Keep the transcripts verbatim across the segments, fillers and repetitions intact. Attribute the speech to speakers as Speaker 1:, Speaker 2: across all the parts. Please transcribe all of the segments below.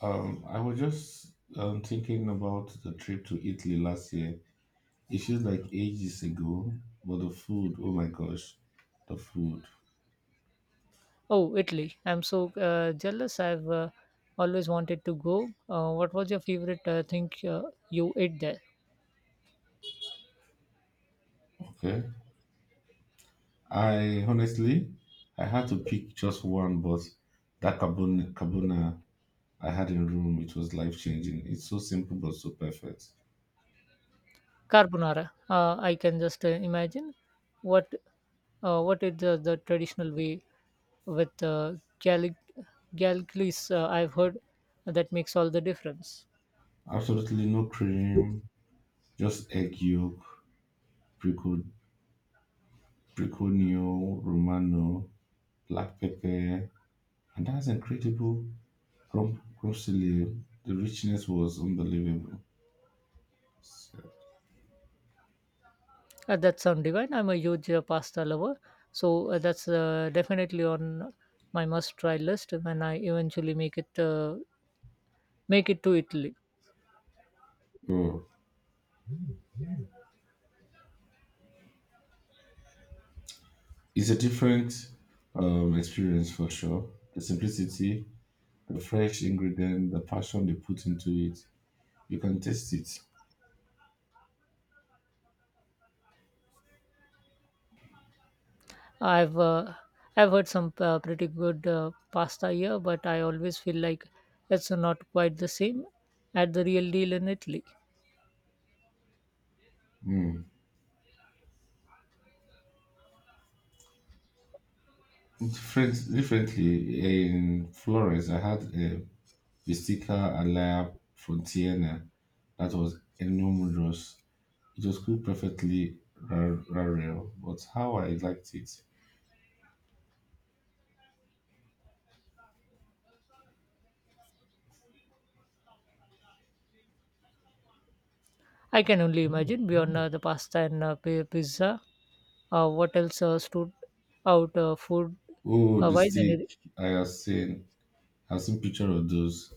Speaker 1: Um, I was just um, thinking about the trip to Italy last year. It feels like ages ago, but the food, oh my gosh, the food.
Speaker 2: Oh, Italy. I'm so uh, jealous. I've uh, Always wanted to go. Uh, what was your favorite uh, thing uh, you ate there?
Speaker 1: Okay. I honestly, I had to pick just one, but that carbon carbona I had in Rome, it was life changing. It's so simple but so perfect.
Speaker 2: Carbonara. Uh, I can just uh, imagine what uh, what is the, the traditional way with uh, Gallic Gallicles. Uh, I've heard that makes all the difference.
Speaker 1: Absolutely no cream, just egg yolk, brico, briconio, romano, black pepper, and that's incredible Rob Rosalie, the richness was unbelievable. So,
Speaker 2: Uh, that sounds divine. I'm a huge uh, pasta lover, so uh, that's uh, definitely on my must-try list when I eventually make it uh, make it to Italy.
Speaker 1: oh, it's a different um, experience for sure. The simplicity, the fresh ingredient, the passion they put into it, you can taste it.
Speaker 2: I've uh, I've heard some uh, pretty good uh, pasta here, but I always feel like it's not quite the same at the real deal in Italy.
Speaker 1: Mm. Different, differently in Florence, I had a Bistica Alaya Frontiana that was enormous. It was cooked perfectly ra- rare, but how I liked it.
Speaker 2: I can only imagine beyond uh, the pasta and uh, pi- pizza. Uh, what else uh, stood out uh, food
Speaker 1: Oh,
Speaker 2: uh,
Speaker 1: the
Speaker 2: wise?
Speaker 1: steak
Speaker 2: And
Speaker 1: I have seen I've seen picture of those.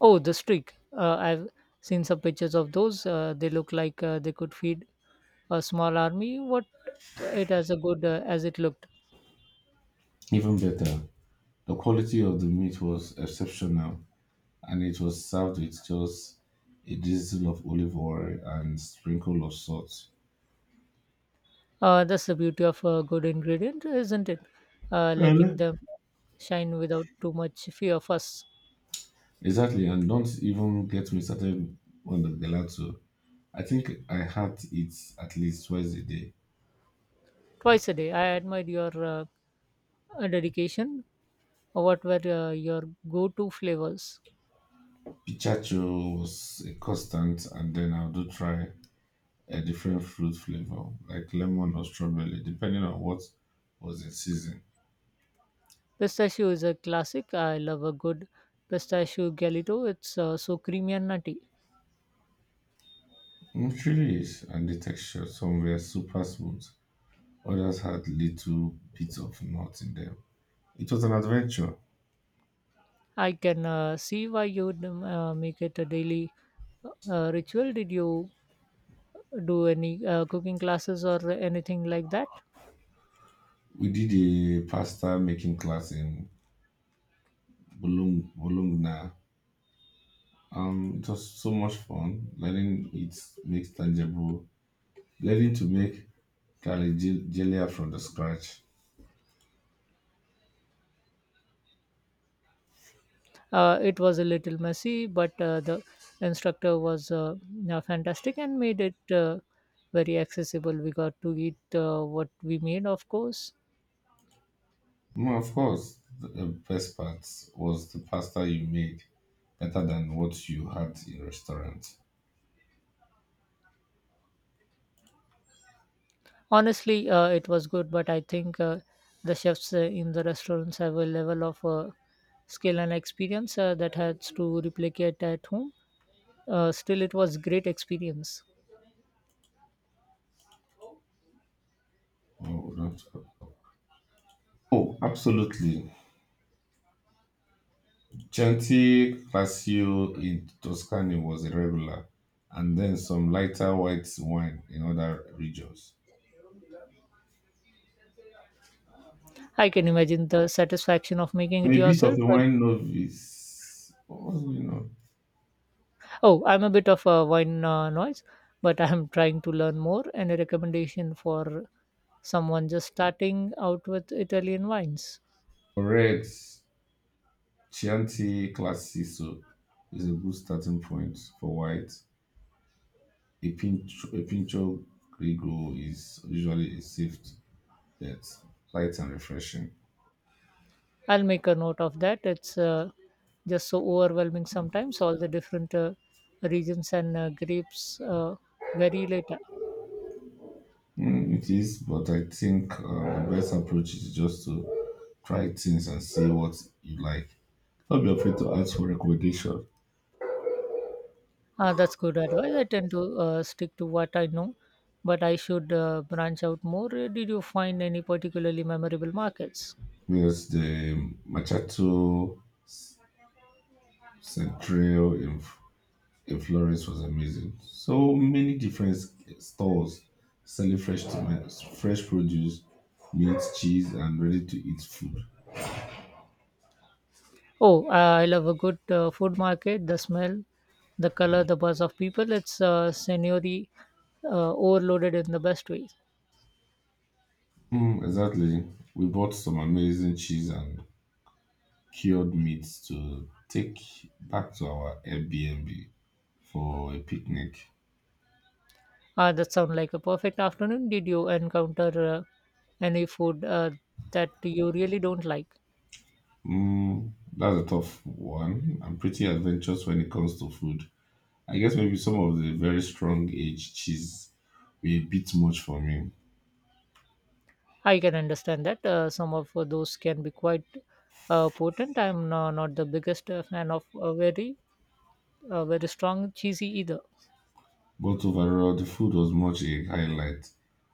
Speaker 2: oh, the streak. Uh, I've seen some pictures of those. Uh, they look like uh, they could feed a small army. What uh, it as a good uh, as it looked.
Speaker 1: Even better, the quality of the meat was exceptional, and it was served with just a drizzle of olive oil and sprinkle of salt.
Speaker 2: Uh, that's the beauty of a good ingredient, isn't it? Uh, letting
Speaker 1: Really?
Speaker 2: them shine without too much fear of us.
Speaker 1: Exactly, and don't even get me started on the gelato. I think I had it at least twice a day.
Speaker 2: Twice a day, I admired your uh, uh, dedication. Uh, What were uh, your go-to flavors?
Speaker 1: Pichacho was a constant, and then I do try a different fruit flavor, like lemon or strawberry, depending on what was in season.
Speaker 2: Pistachio is a classic. I love a good pistachio galito. It's uh, so creamy and nutty.
Speaker 1: It really is, and the texture, some were super smooth, others had little bits of nuts in them. It was an adventure.
Speaker 2: I can uh, see why you would um, uh, make it a daily uh, ritual. Did you do any uh, cooking classes or anything like that?
Speaker 1: We did a pasta making class in Bolong- Bologna. Um, it was so much fun. Learning it makes tangible, learning to make galia from the scratch.
Speaker 2: Uh, it was a little messy, but uh, the instructor was uh, yeah, fantastic and made it uh, very accessible. We got to eat uh, what we made, of course.
Speaker 1: Mm, of course, the the best part was the pasta you made better than what you had in restaurants.
Speaker 2: Honestly, uh, it was good, but I think uh, the chefs uh, in the restaurants have a level of uh, skill and experience uh, that has to replicate at home. Uh, still, it was great experience.
Speaker 1: Oh, that's- oh, absolutely. Chianti Classico in Tuscany was a regular, and then some lighter white wine in other regions.
Speaker 2: I can imagine the satisfaction of making
Speaker 1: I'm
Speaker 2: it
Speaker 1: a bit of
Speaker 2: yourself.
Speaker 1: a wine novice. What's going on?
Speaker 2: Oh, I'm a bit of a wine uh, noise, but I'm trying to learn more. Any recommendation for someone just starting out with Italian wines?
Speaker 1: Correct. Chianti Classico is a good starting point for white, A pinch, a pincho grigio is usually a safe bet, light and refreshing.
Speaker 2: I'll make a note of that. It's uh, just so overwhelming sometimes, all the different uh, regions and uh, grapes uh, vary later.
Speaker 1: Mm, it is, but I think uh, the best approach is just to try things and see what you like. Don't be afraid to ask for recommendation.
Speaker 2: Ah, that's good advice. I tend to uh, stick to what I know, but I should uh, branch out more. Uh, Did you find any particularly memorable markets?
Speaker 1: Yes, the Machato Central in, in Florence was amazing. So many different stores selling fresh tomatoes, fresh produce, meat, cheese, and ready to eat food.
Speaker 2: Oh, uh, I love a good uh, food market. The smell, the color, the buzz of people. It's uh, sensory uh, overloaded in the best way.
Speaker 1: Mm, exactly. We bought some amazing cheese and cured meats to take back to our Airbnb for a picnic.
Speaker 2: Ah, that sounds like a perfect afternoon. Did you encounter uh, any food uh, that you really don't like?
Speaker 1: Mm, that's a tough one. I'm pretty adventurous when it comes to food. I guess maybe some of the very strong aged cheese were a bit much for me.
Speaker 2: I can understand that. Uh, some of those can be quite uh, potent. I'm no- not the biggest uh, fan of uh, very, uh, very strong cheesy either.
Speaker 1: But overall, the food was much a highlight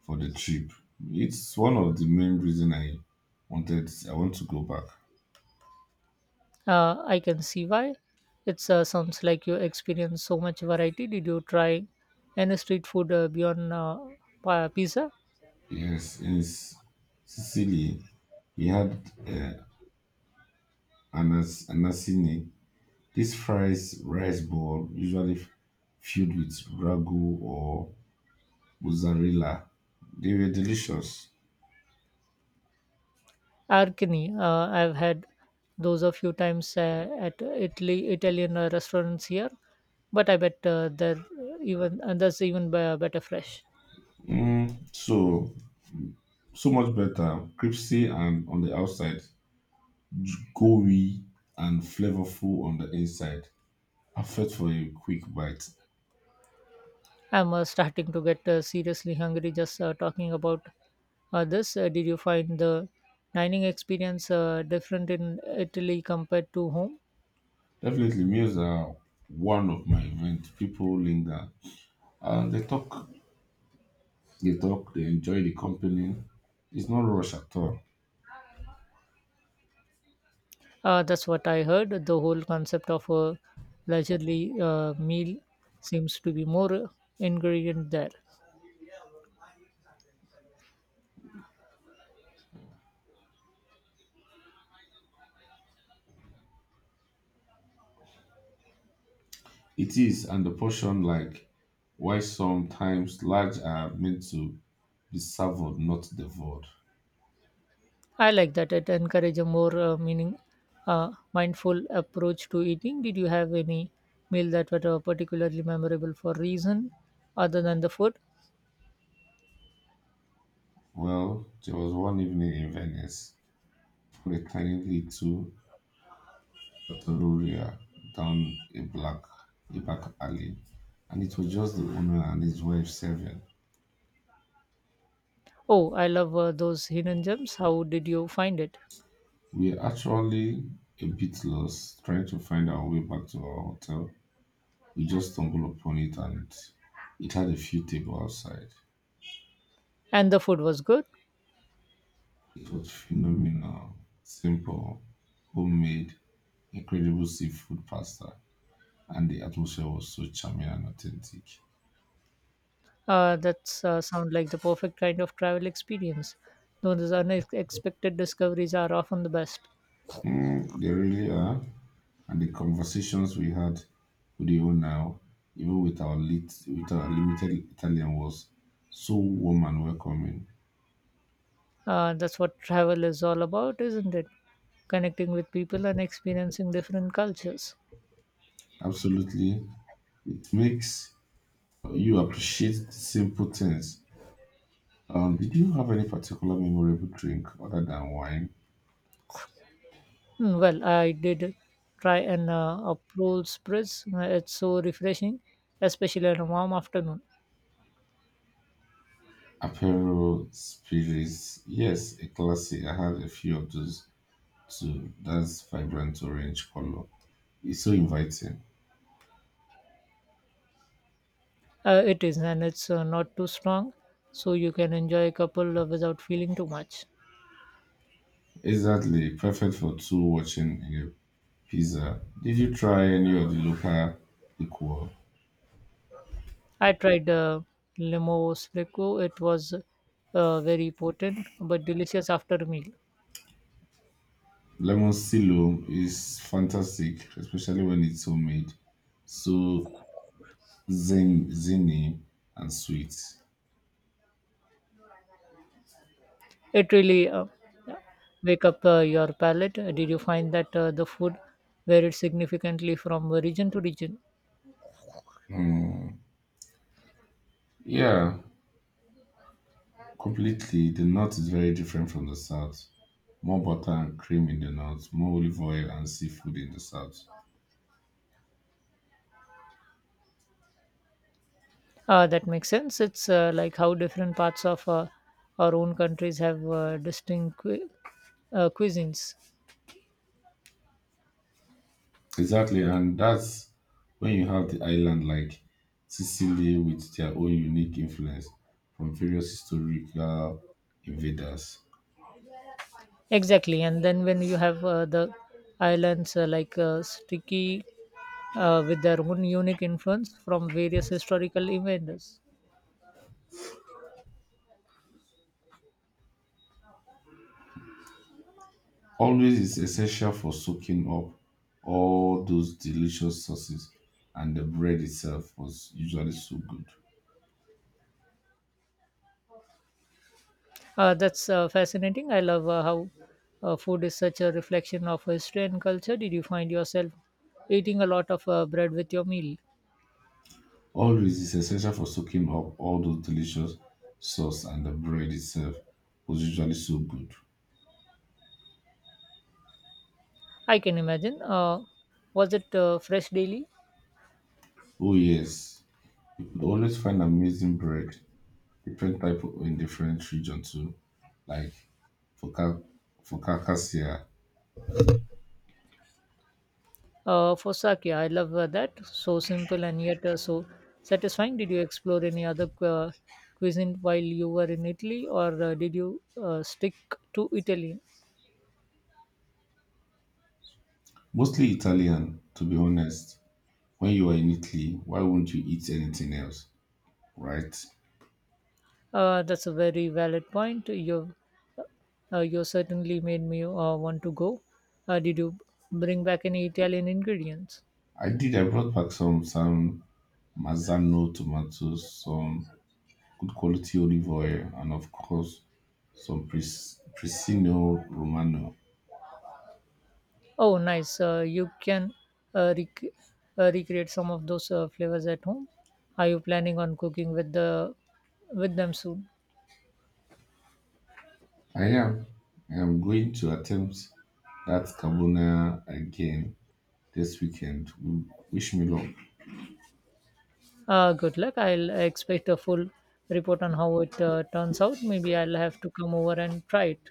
Speaker 1: for the trip. It's one of the main reason I wanted I want to go back.
Speaker 2: Uh, I can see why. It uh, sounds like you experience so much variety. Did you try any street food uh, beyond uh, pa- pizza?
Speaker 1: Yes, in S- Sicily, we had uh, anas, anasini. This fries rice ball, usually f- filled with ragu or mozzarella. They were delicious.
Speaker 2: Arcani, uh, I've had those a few times uh, at Italy Italian uh, restaurants here, but I bet uh, they're even and that's even be- better fresh.
Speaker 1: Mm, so so much better, crispy and on the outside, gooey and flavorful on the inside. Perfect for a quick bite.
Speaker 2: I'm uh, starting to get uh, seriously hungry just uh, talking about uh, this. Uh, did you find the dining experience uh, different in Italy compared to home?
Speaker 1: Definitely, meals are one of my events. People linger and they talk, they talk, they enjoy the company. It's not rush at all.
Speaker 2: Uh, that's what I heard. The whole concept of a leisurely uh, meal seems to be more uh, ingredient there.
Speaker 1: It is, and the portion like why sometimes large are meant to be savored, not devoured.
Speaker 2: I like that. It encourages a more uh, meaning, uh, mindful approach to eating. Did you have any meal that were uh, particularly memorable for reason other than the food?
Speaker 1: Well, there was one evening in Venice when a tiny little trattoria down a black a back alley, and it was just the owner and his wife serving.
Speaker 2: Oh, I love uh, those hidden gems. How did you find it?
Speaker 1: We are actually a bit lost trying to find our way back to our hotel. We just stumbled upon it, and it had a few tables outside.
Speaker 2: And the food was good.
Speaker 1: It was phenomenal, simple, homemade, incredible seafood pasta, and the atmosphere was so charming and authentic.
Speaker 2: Uh, that's uh, sound like the perfect kind of travel experience. Those unexpected discoveries are often the best.
Speaker 1: Mm, they really are. And the conversations we had with the owner, even with our lit, with our limited Italian, was so warm and welcoming.
Speaker 2: Uh, that's what travel is all about, isn't it? Connecting with people and experiencing different cultures.
Speaker 1: Absolutely, it makes you appreciate simple things. Um, did you have any particular memorable drink other than wine?
Speaker 2: Mm, well, I did try an uh, April Spritz. Uh, It's so refreshing, especially on a warm afternoon.
Speaker 1: Aperol spirits, yes, a classic. I had a few of those too. That's vibrant orange color. It's so inviting.
Speaker 2: Uh, it is, and it's uh, not too strong, so you can enjoy a couple uh, without feeling too much.
Speaker 1: Exactly, perfect for two watching a pizza. Did you try any of the local liquor?
Speaker 2: I tried uh, Limo Spreco. It was uh, very potent but delicious after a meal.
Speaker 1: Lemon silo is fantastic, especially when it's homemade. So zin- zinny and sweet.
Speaker 2: It really uh, wake up uh, your palate. Did you find that uh, the food varied significantly from region to region?
Speaker 1: Mm, yeah, completely, the north is very different from the south. More butter and cream in the north, more olive oil and seafood in the south.
Speaker 2: Uh, that makes sense. It's uh, like how different parts of uh, our own countries have uh, distinct cu- uh, cuisines.
Speaker 1: Exactly, and that's when you have the island like Sicily with their own unique influence from various historical invaders.
Speaker 2: Exactly. And then when you have uh, the islands uh, like uh, sticky uh, with their own unique influence from various historical events.
Speaker 1: Always is essential for soaking up all those delicious sauces, and the bread itself was usually so good.
Speaker 2: Uh, that's uh, fascinating. I love uh, how uh, food is such a reflection of history and culture. Did you find yourself eating a lot of uh, bread with your meal?
Speaker 1: Olives is essential for soaking up all those delicious sauce and the bread itself was usually so good.
Speaker 2: I can imagine. Uh, was it uh, fresh daily?
Speaker 1: Oh yes, you could always find amazing bread, different type o- in different region too, like for Car- for Carcassia.
Speaker 2: Uh, for sake, I love uh, that. So simple and yet uh, so satisfying. Did you explore any other uh, cuisine while you were in Italy, or uh, did you uh, stick to Italy?
Speaker 1: Mostly Italian, to be honest. When you are in Italy, why won't you eat anything else, right?
Speaker 2: Uh, that's a very valid point. You, uh, uh, you certainly made me uh, want to go. Uh, did you bring back any Italian ingredients?
Speaker 1: I did. I brought back some some Mazzano tomatoes, some good quality olive oil, and of course, some Pres- Presino Romano.
Speaker 2: Oh, nice. Uh, you can uh, rec- uh, recreate some of those uh, flavors at home. Are you planning on cooking with the with them soon?
Speaker 1: I am, I am going to attempt that carbona again this weekend. W- Wish me luck.
Speaker 2: Uh, good luck. I'll expect a full report on how it uh, turns out. Maybe I'll have to come over and try it.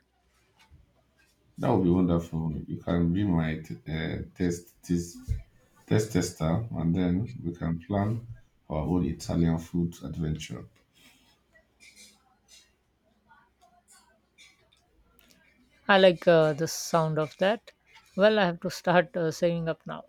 Speaker 1: That would be wonderful. You can be my t- uh, test this test tester, and then we can plan our own Italian food adventure.
Speaker 2: I like uh, the sound of that. Well, I have to start uh, saving up now.